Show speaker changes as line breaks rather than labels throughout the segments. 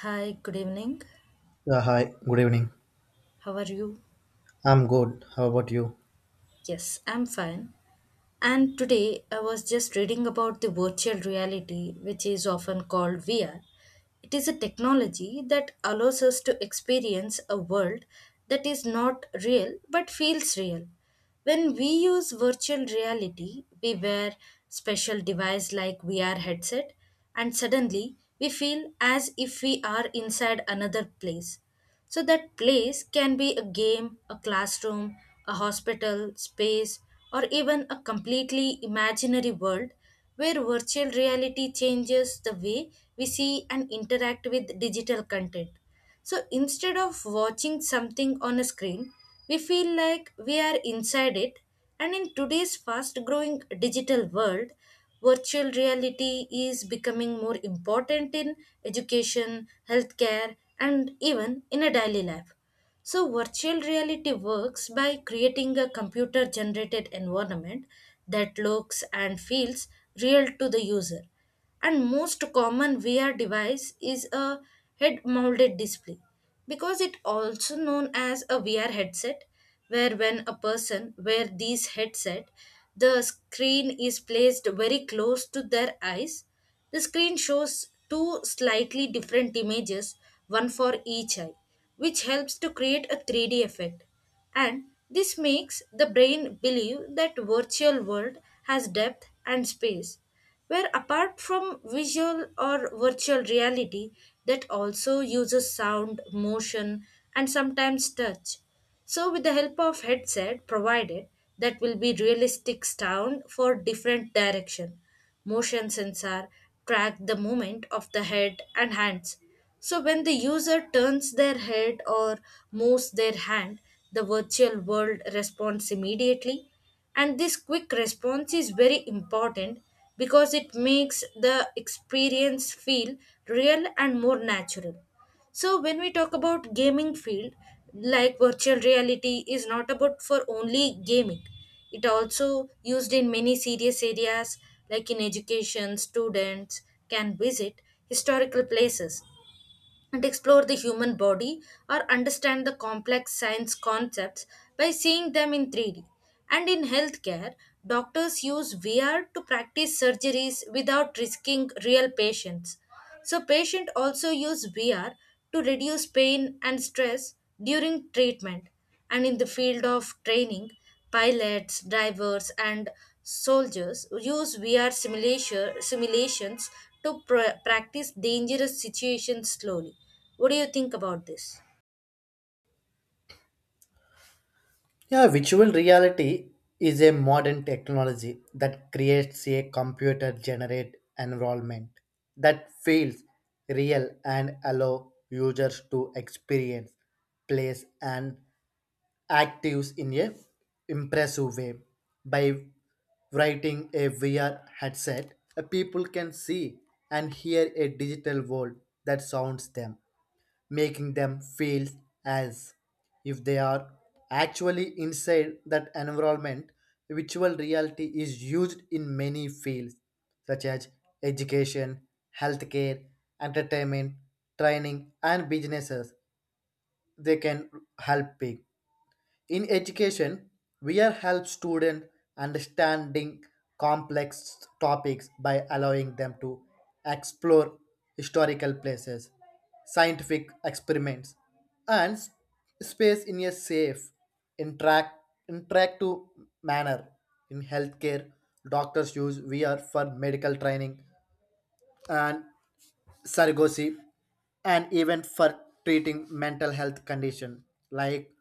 Hi, good evening.
Yeah, hi, good evening.
How are you?
I'm good. How about you?
Yes, I'm fine. And today I was just reading about the virtual reality, which is often called VR. It is a technology that allows us to experience a world that is not real but feels real. When we use virtual reality, we wear special device like VR headset and suddenly we feel as if we are inside another place. So that place can be a game, a classroom, a hospital, space, or even a completely imaginary world where virtual reality changes the way we see and interact with digital content. So instead of watching something on a screen, we feel like we are inside it and in today's fast growing digital world, virtual reality is becoming more important in education, healthcare, and even in a daily life. So, virtual reality works by creating a computer generated environment that looks and feels real to the user and most common VR device is a head mounted display because it also known as a VR headset where when a person wear these headset the screen is placed very close to their eyes. The screen shows two slightly different images, one for each eye, which helps to create a 3D effect and this makes the brain believe that virtual world has depth and space where apart from visual or virtual reality that also uses sound, motion, and sometimes touch. So, with the help of headset provided, that will be realistic sound for different direction. Motion sensor track the movement of the head and hands. So, when the user turns their head or moves their hand, the virtual world responds immediately and this quick response is very important because it makes the experience feel real and more natural. So when we talk about gaming field, like virtual reality is not about for only gaming. It also used in many serious areas like in education, students can visit historical places and explore the human body or understand the complex science concepts by seeing them in 3D. And in healthcare, doctors use VR to practice surgeries without risking real patients. So, patients also use VR to reduce pain and stress during treatment. And in the field of training, pilots, drivers, and soldiers use simulations to practice dangerous situations slowly. What do you think about this?
Yeah, virtual reality is a modern technology that creates a computer generated environment that feels real and allow users to experience, place and actives in a impressive way. By writing a VR headset, a people can see and hear a digital world that sounds them making them feel as if they are actually inside that environment. Virtual reality is used in many fields such as education, healthcare, entertainment, training, and businesses. They can help people in education, we are help students understanding complex topics by allowing them to explore historical places, scientific experiments, and space in a safe, interact, interactive manner. In healthcare, doctors use VR for medical training and surrogacy and even for treating mental health condition like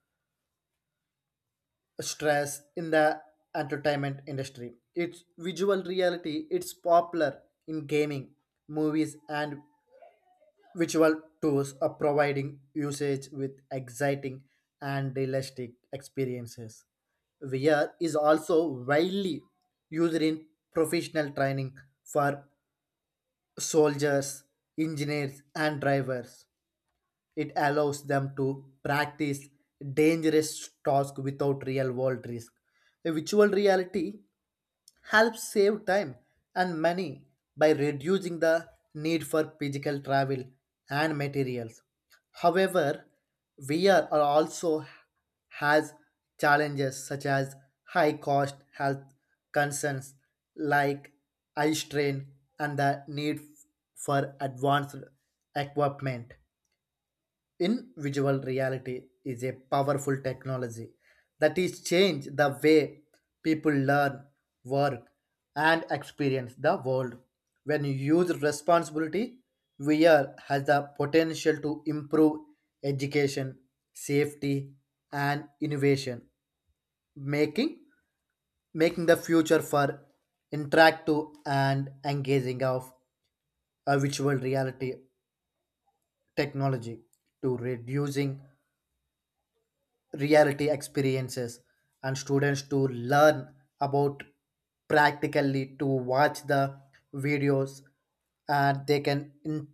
stress in the entertainment industry. Its visual reality, it's popular in gaming, movies, and visual tools are providing usage with exciting and realistic experiences. VR is also widely used in professional training for soldiers, engineers, and drivers. It allows them to practice dangerous tasks without real world risk. A virtual reality helps save time and money by reducing the need for physical travel and materials. However, VR are also has challenges such as high cost health concerns like eye strain and the need for advanced equipment in visual reality is a powerful technology that is change the way people learn work and experience the world when used use responsibility. VR has the potential to improve education safety and innovation, making making the future for interactive and engaging of a virtual reality technology to reducing reality experiences and students to learn about practically to watch the videos and they can in,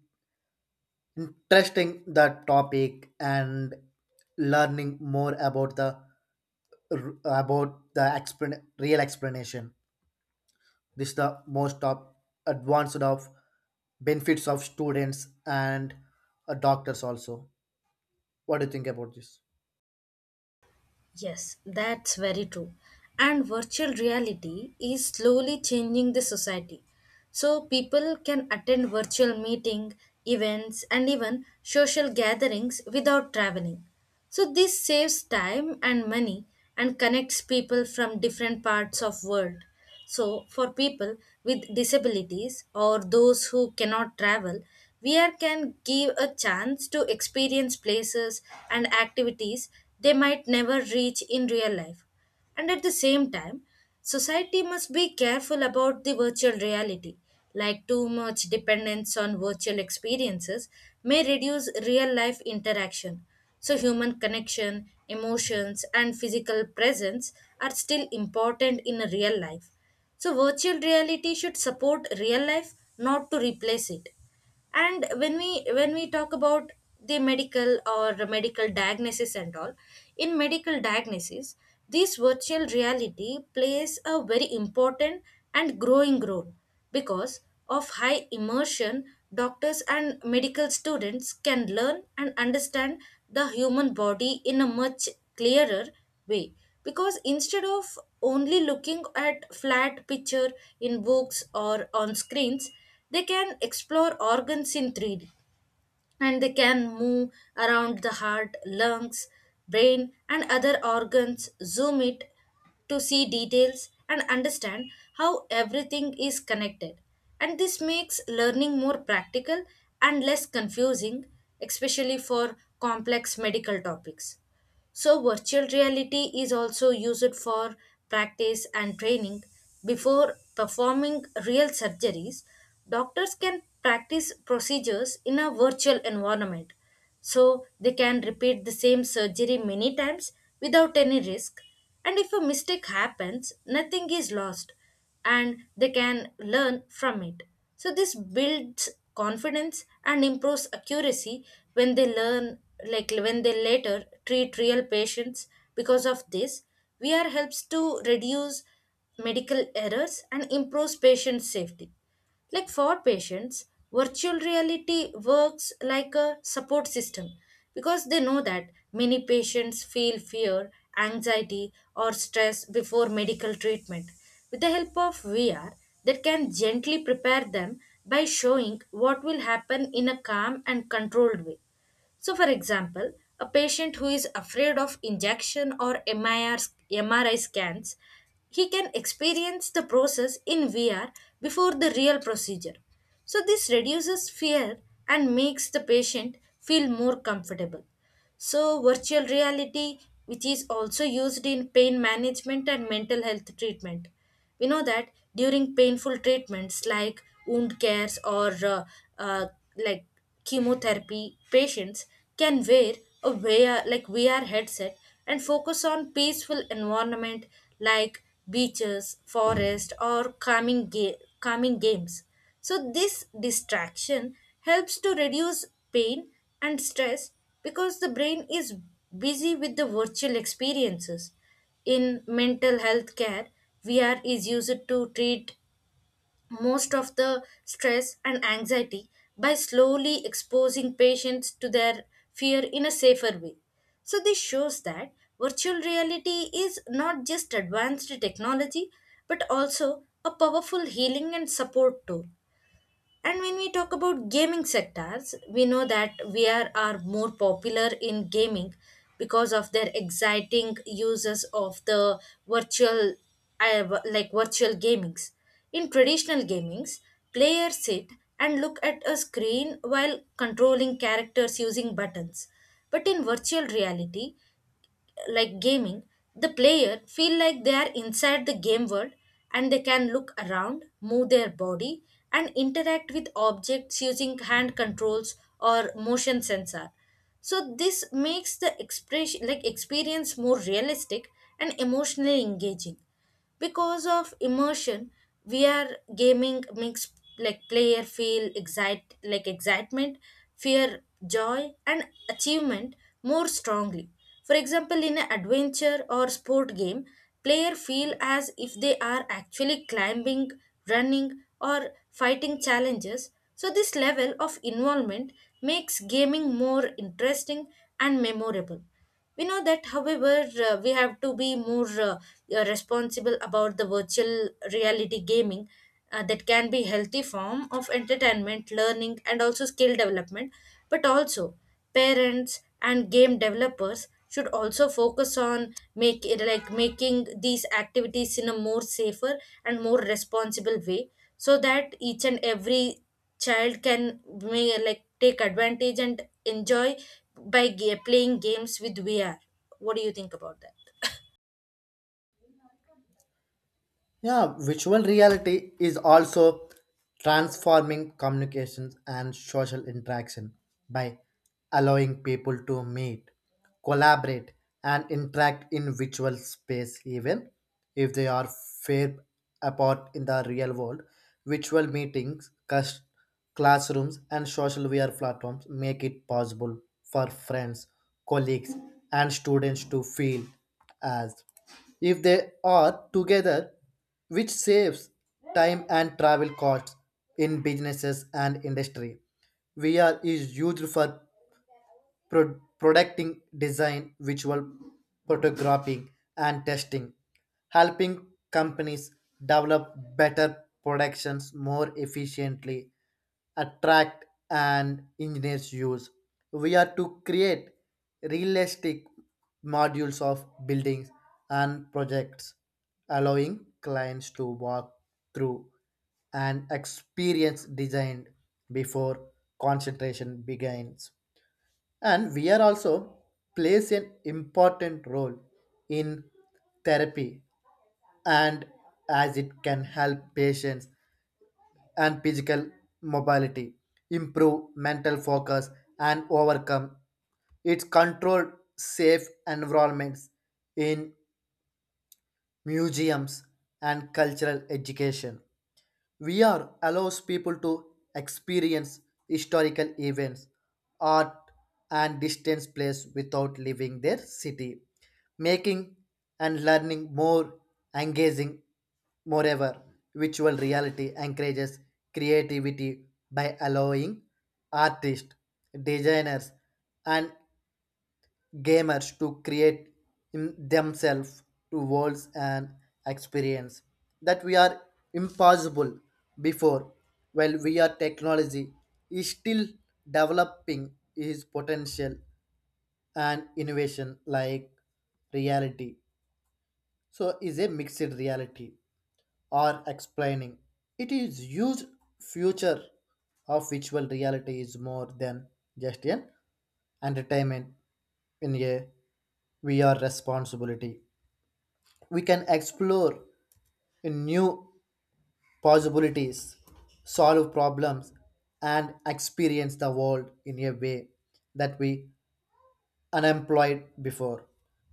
interesting the topic and learning more about the real explanation. This is the most of advanced of benefits of students and doctors also. What do you think about this?
Yes, that's very true. And virtual reality is slowly changing the society. So people can attend virtual meeting, events and even social gatherings without traveling. So this saves time and money and connects people from different parts of world. So, for people with disabilities or those who cannot travel, VR can give a chance to experience places and activities they might never reach in real life. And at the same time, society must be careful about the virtual reality, like too much dependence on virtual experiences may reduce real life interaction. So, human connection, emotions, and physical presence are still important in real life. So, virtual reality should support real life, not to replace it. And when we talk about the medical or medical diagnosis and all, in medical diagnosis, this virtual reality plays a very important and growing role because of high immersion, doctors and medical students can learn and understand the human body in a much clearer way. Because instead of only looking at flat picture in books or on screens, they can explore organs in 3D and they can move around the heart, lungs, brain, and other organs, zoom it to see details and understand how everything is connected. And this makes learning more practical and less confusing, especially for complex medical topics. So, virtual reality is also used for practice and training. Before performing real surgeries, doctors can practice procedures in a virtual environment. So, they can repeat the same surgery many times without any risk. And if a mistake happens, nothing is lost and they can learn from it. So this builds confidence and improves accuracy when they learn like when they later treat real patients because of this VR helps to reduce medical errors and improves patient safety. Like for patients, virtual reality works like a support system because they know that many patients feel fear, anxiety, or stress before medical treatment. With the help of VR, they can gently prepare them by showing what will happen in a calm and controlled way. So, for example, a patient who is afraid of injection or MRI scans, he can experience the process in VR before the real procedure. So, this reduces fear and makes the patient feel more comfortable. So, virtual reality, which is also used in pain management and mental health treatment. We know that during painful treatments like wound cares or uh, like chemotherapy patients can wear like VR headset and focus on peaceful environment like beaches, forest, or calming games. So this distraction helps to reduce pain and stress because the brain is busy with the virtual experiences. In mental health care, VR is used to treat most of the stress and anxiety by slowly exposing patients to their fear in a safer way. So, this shows that virtual reality is not just advanced technology but also a powerful healing and support tool. And when we talk about gaming sectors, we know that VR are more popular in gaming because of their exciting uses of the virtual, like virtual gamings. In traditional gamings, players sit and look at a screen while controlling characters using buttons. But in virtual reality, like gaming, the player feel like they are inside the game world and they can look around, move their body and interact with objects using hand controls or motion sensor. So this makes the expression like experience more realistic and emotionally engaging because of immersion we are gaming makes like player feel excite like excitement, fear, joy and achievement more strongly. For example, in an adventure or sport game player feel as if they are actually climbing, running, or fighting challenges. So this level of involvement makes gaming more interesting and memorable. We know that, however, we have to be more responsible about the virtual reality gaming, that can be healthy form of entertainment learning and also skill development but also parents and game developers should also focus on make like making these activities in a more safer and more responsible way so that each and every child can may like take advantage and enjoy by playing games with VR. What do you think about that?
Yeah, virtual reality is also transforming communications and social interaction by allowing people to meet, collaborate, and interact in virtual space, even if they are far apart in the real world. Virtual meetings, classrooms, and social VR platforms make it possible for friends, colleagues, and students to feel as if they are together which saves time and travel costs in businesses and industry. VR is used for producting design, visual photographing, and testing, helping companies develop better productions more efficiently, attract and engineers use. We are to create realistic modules of buildings and projects, allowing clients to walk through and experience designed before concentration begins and we are also plays an important role in therapy and as it can help patients and physical mobility improve mental focus and overcome its controlled safe environments in museums and cultural education. VR allows people to experience historical events, art, and distance place without leaving their city, making and learning more engaging. Moreover, virtual reality encourages creativity by allowing artists, designers, and gamers to create in themselves to worlds and experience that we are impossible before while we are technology is still developing his potential and innovation like reality so is a mixed reality or explaining it is huge future of virtual reality is more than just an entertainment in a VR responsibility. We can explore new possibilities, solve problems, and experience the world in a way that we unemployed before.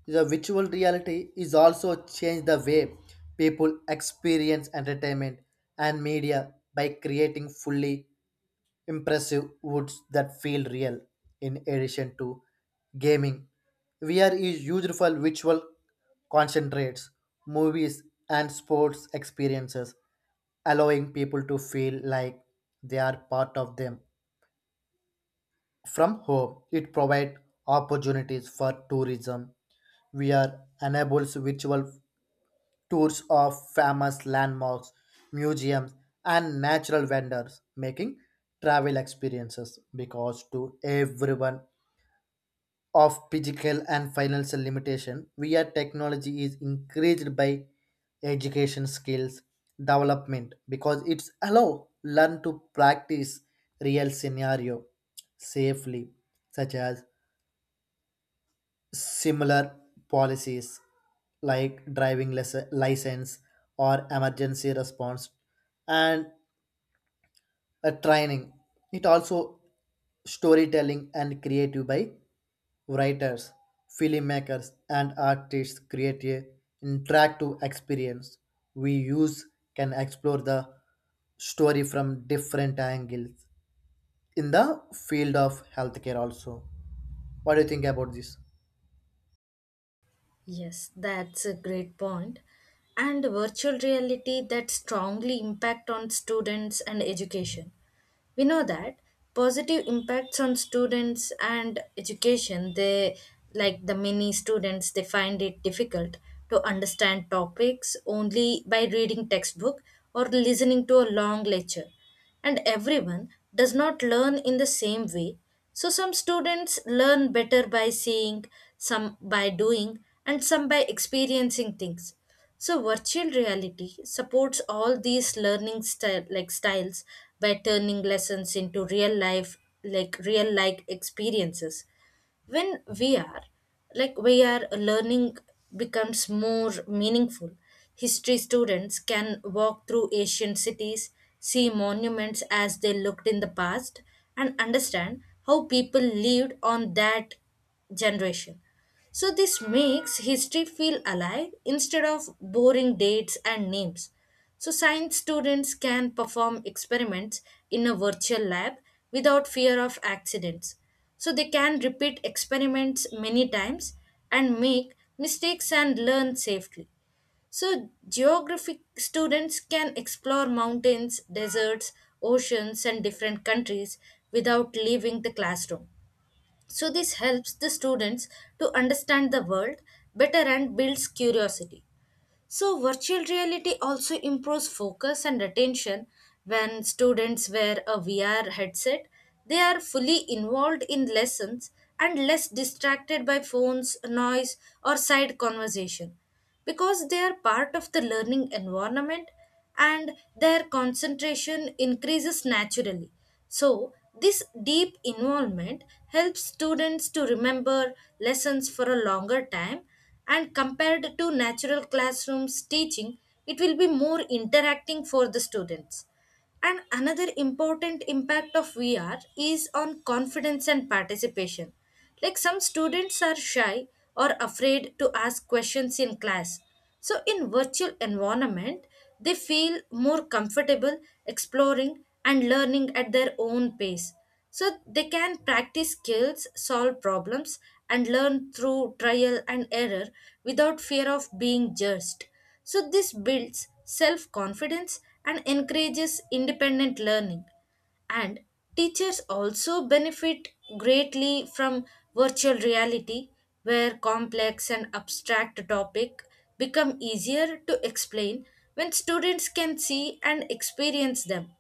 The virtual reality is also changed the way people experience entertainment and media by creating fully impressive woods that feel real. In addition to gaming, VR is used for visual concentrates, movies, and sports experiences, allowing people to feel like they are part of them. From home, it provides opportunities for tourism. VR enables virtual tours of famous landmarks, museums, and natural vendors, making travel experiences because to everyone of physical and financial limitation via technology is increased by education skills development because it's allow learn to practice real scenario safely such as similar policies like driving license or emergency response and a training. It also storytelling and creative by writers filmmakers and artists create a interactive experience we use can explore the story from different angles in the field of healthcare also. What do you think about this?
Yes, that's a great point. And virtual reality that strongly impact on students and education. We know that positive impacts on students and education, they like the many students they find it difficult to understand topics only by reading textbook or listening to a long lecture and everyone does not learn in the same way so some students learn better by seeing, some by doing, and some by experiencing things. So virtual reality supports all these learning style like styles by turning lessons into real life like real like experiences when we are like we are learning becomes more meaningful. History students can walk through ancient cities, see monuments as they looked in the past and understand how people lived on that generation. So this makes history feel alive instead of boring dates and names. So science students can perform experiments in a virtual lab without fear of accidents. So they can repeat experiments many times and make mistakes and learn safely. So geography students can explore mountains, deserts, oceans and different countries without leaving the classroom. So, this helps the students to understand the world better and builds curiosity. So, virtual reality also improves focus and attention when students wear a VR headset. They are fully involved in lessons and less distracted by phones, noise, or side conversation because they are part of the learning environment and their concentration increases naturally. So, this deep involvement helps students to remember lessons for a longer time and compared to natural classrooms teaching it will be more interacting for the students and another important impact of VR is on confidence and participation. Like some students are shy or afraid to ask questions in class, so in virtual environment, they feel more comfortable exploring and learning at their own pace. So they can practice skills, solve problems, and learn through trial and error without fear of being judged. So this builds self confidence and encourages independent learning. And teachers also benefit greatly from virtual reality, where complex and abstract topic become easier to explain when students can see and experience them.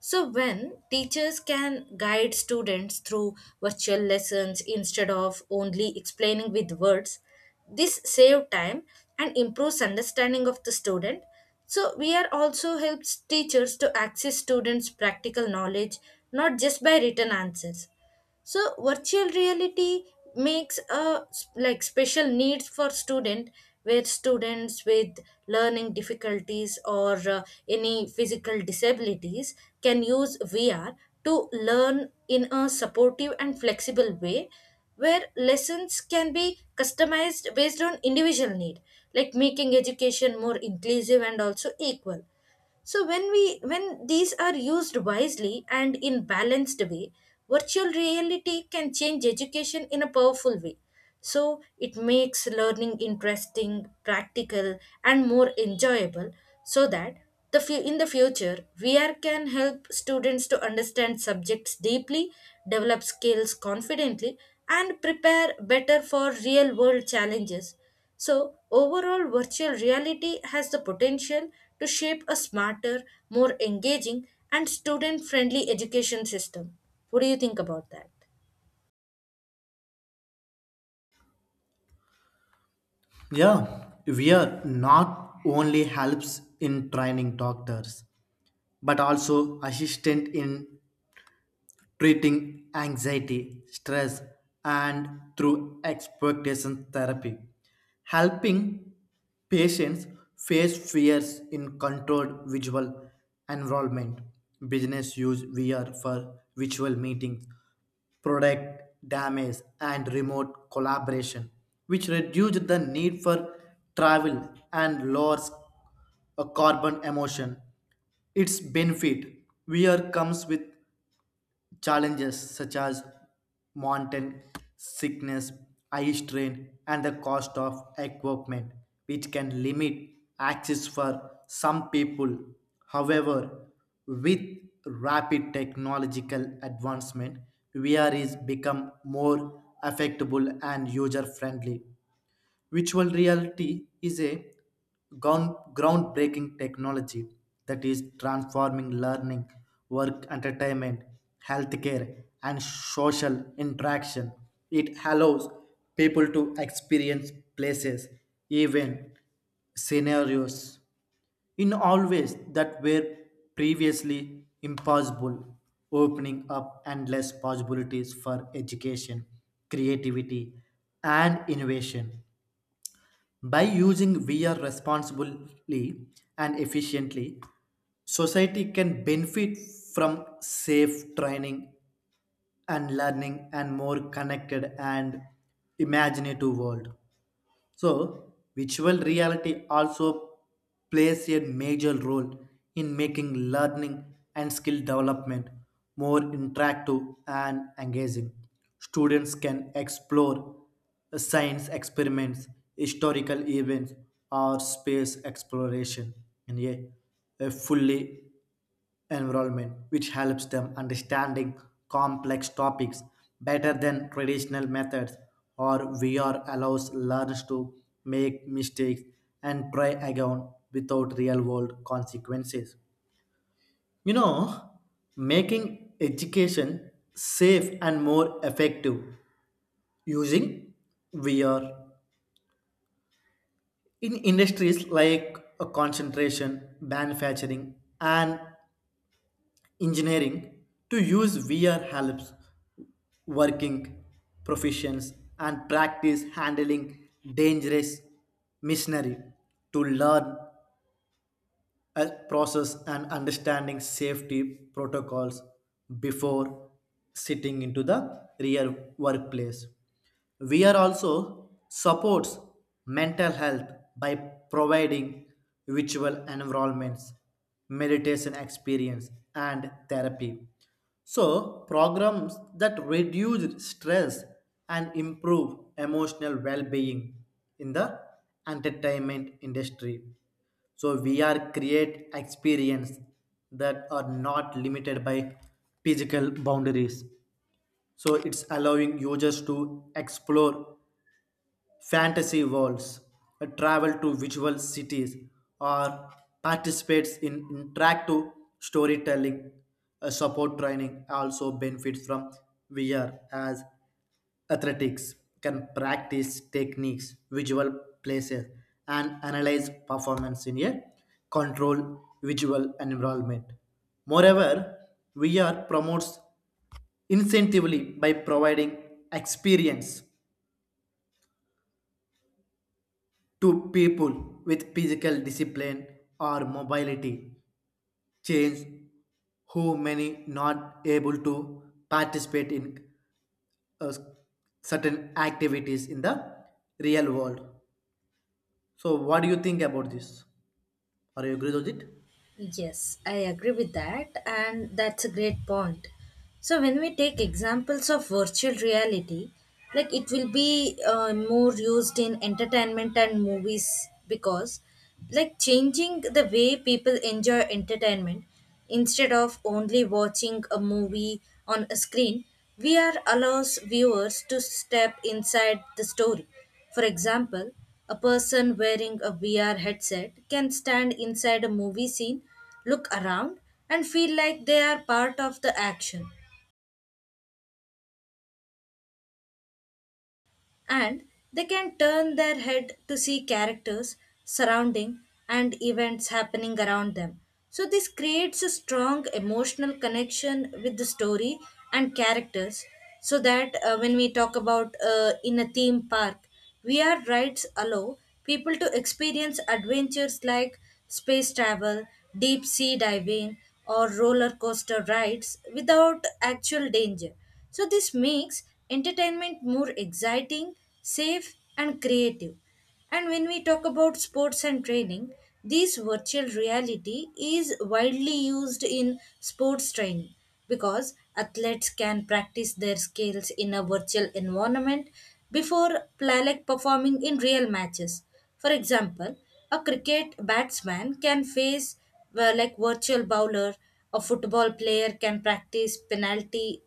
So, when teachers can guide students through virtual lessons instead of only explaining with words, this saves time and improves understanding of the student. So, we are also helps teachers to access students' practical knowledge not just by written answers, so virtual reality makes a s- like special needs for student, where students with learning difficulties or any physical disabilities can use VR to learn in a supportive and flexible way, where lessons can be customized based on individual need, like making education more inclusive and also equal. So when these are used wisely and in balanced way, virtual reality can change education in a powerful way. So it makes learning interesting, practical and more enjoyable, so that in the future VR can help students to understand subjects deeply, develop skills confidently and prepare better for real world challenges. So, overall, virtual reality has the potential to shape a smarter, more engaging, and student friendly education system. What do you think about that?
Yeah, VR not only helps in training doctors, but also assistant in treating anxiety, stress, and through expectation therapy, helping patients face fears in controlled visual environment. Business use VR for virtual meetings product damage, and remote collaboration, which reduced the need for travel and lowers a carbon emission. Its benefit here comes with challenges such as mountain sickness, eye strain, and the cost of equipment, which can limit access for some people. However, with rapid technological advancement, VR is become more affectable and user friendly. Virtual reality is a groundbreaking technology that is transforming learning, work, entertainment, healthcare, and social interaction. It allows people to experience places, even scenarios in all ways that were previously impossible, opening up endless possibilities for education, creativity, and innovation. By using VR responsibly and efficiently, society can benefit from safe training and learning and more connected and imaginative world. So, virtual reality also plays a major role in making learning and skill development more interactive and engaging. Students can explore science experiments, historical events, or space exploration in a fully environment, which helps them understanding complex topics better than traditional methods or VR allows learners to make mistakes and try again without real world consequences. You know, making education safe and more effective using VR in industries like concentration, manufacturing, and engineering to use VR helps working professions and practice handling dangerous machinery to learn process and understanding safety protocols before sitting into the real workplace. We are also supports mental health by providing virtual environments, meditation experience, and therapy. So, programs that reduce stress and improve emotional well being in the entertainment industry. So we are create experience that are not limited by physical boundaries. So it's allowing users to explore fantasy worlds, travel to visual cities, or participates in interactive storytelling. Support training also benefits from VR as athletics can practice techniques, visual places, and analyze performance in a controlled visual environment. Moreover, VR promotes incentively by providing experience to people with physical discipline or mobility change who many not able to participate in uh, certain activities in the real world. So, what do you think about this? Are you agree with it?
Yes, I agree with that, and that's a great point. So, when we take examples of virtual reality, like it will be more used in entertainment and movies because, like, changing the way people enjoy entertainment instead of only watching a movie on a screen, we are allows viewers to step inside the story. For example, a person wearing a VR headset can stand inside a movie scene, look around, and feel like they are part of the action. And they can turn their head to see characters, surrounding, and events happening around them. So, this creates a strong emotional connection with the story and characters. So, that when we talk about in a theme park, VR rides allow people to experience adventures like space travel, deep sea diving, or roller coaster rides without actual danger. So, this makes entertainment more exciting, safe, and creative. And when we talk about sports and training, this virtual reality is widely used in sports training because athletes can practice their skills in a virtual environment before performing in real matches. For example, a cricket batsman can face well, like virtual bowler, a football player can practice penalty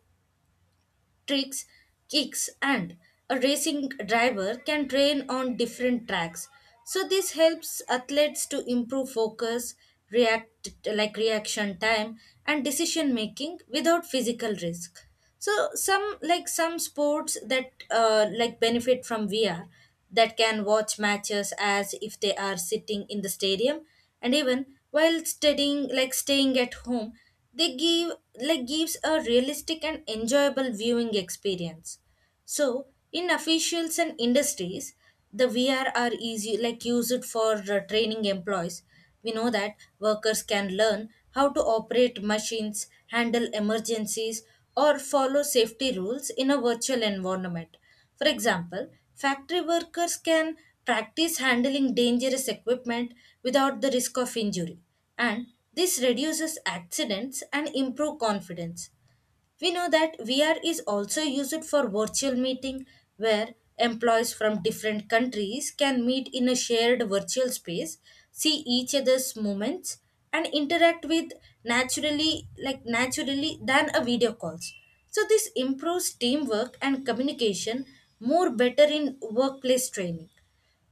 tricks, kicks, and a racing driver can train on different tracks. So this helps athletes to improve focus, react like reaction time, and decision making without physical risk. So some sports that benefit from VR, that can watch matches as if they are sitting in the stadium, and even while studying like staying at home, they give like gives a realistic and enjoyable viewing experience. So in officials and industries, the VR are easy like used for training employees. We know that workers can learn how to operate machines, handle emergencies or follow safety rules in a virtual environment. For example, factory workers can practice handling dangerous equipment without the risk of injury, and this reduces accidents and improve confidence. We know that VR is also used for virtual meeting, where employees from different countries can meet in a shared virtual space, see each other's movements and interact with naturally like naturally than a video calls. So this improves teamwork and communication more better in workplace training.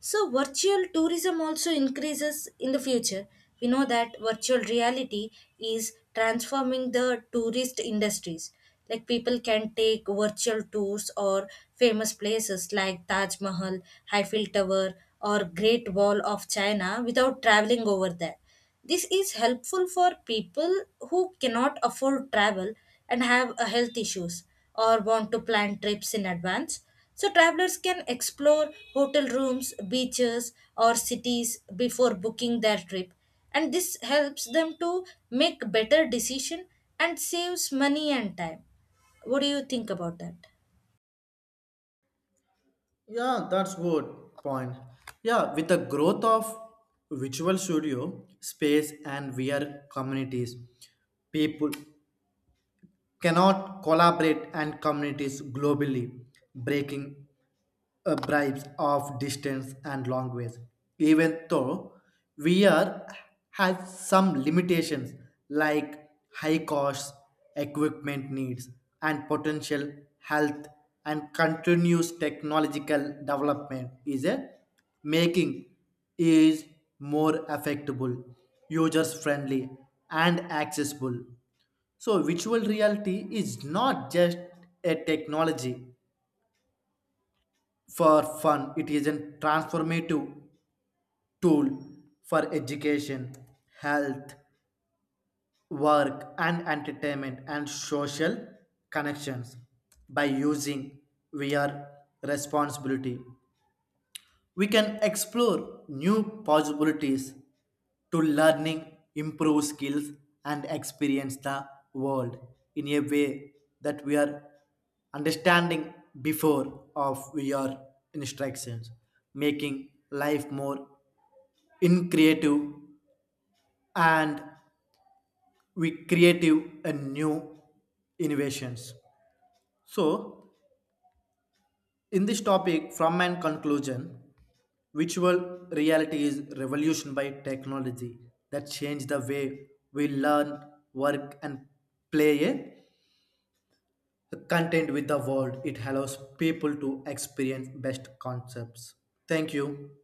So, virtual tourism also increases in the future. We know that virtual reality is transforming the tourist industries. Like people can take virtual tours or famous places like Taj Mahal, Eiffel Tower, or Great Wall of China without traveling over there. This is helpful for people who cannot afford travel and have a health issues or want to plan trips in advance. So travelers can explore hotel rooms, beaches, or cities before booking their trip, and this helps them to make better decision and saves money and time. What do you think about that?
Yeah, that's good point. Yeah, with the growth of Visual Studio space and VR communities, people cannot collaborate and communities globally, breaking bribes of distance and language, even though we are has some limitations like high costs, equipment needs, and potential health and continuous technological development is a making is more affectable, users friendly, and accessible. So, virtual reality is not just a technology, for fun. It is a transformative tool for education, health, work, and entertainment and social connections. By using VR responsibility, we can explore new possibilities to learning, improve skills, and experience the world in a way that we are understanding before of your instructions, making life more in creative and we creative and new innovations. So in this topic, from my conclusion, virtual reality is revolution by technology that changed the way we learn, work, and play a content with the world. It allows people to experience best concepts. Thank you.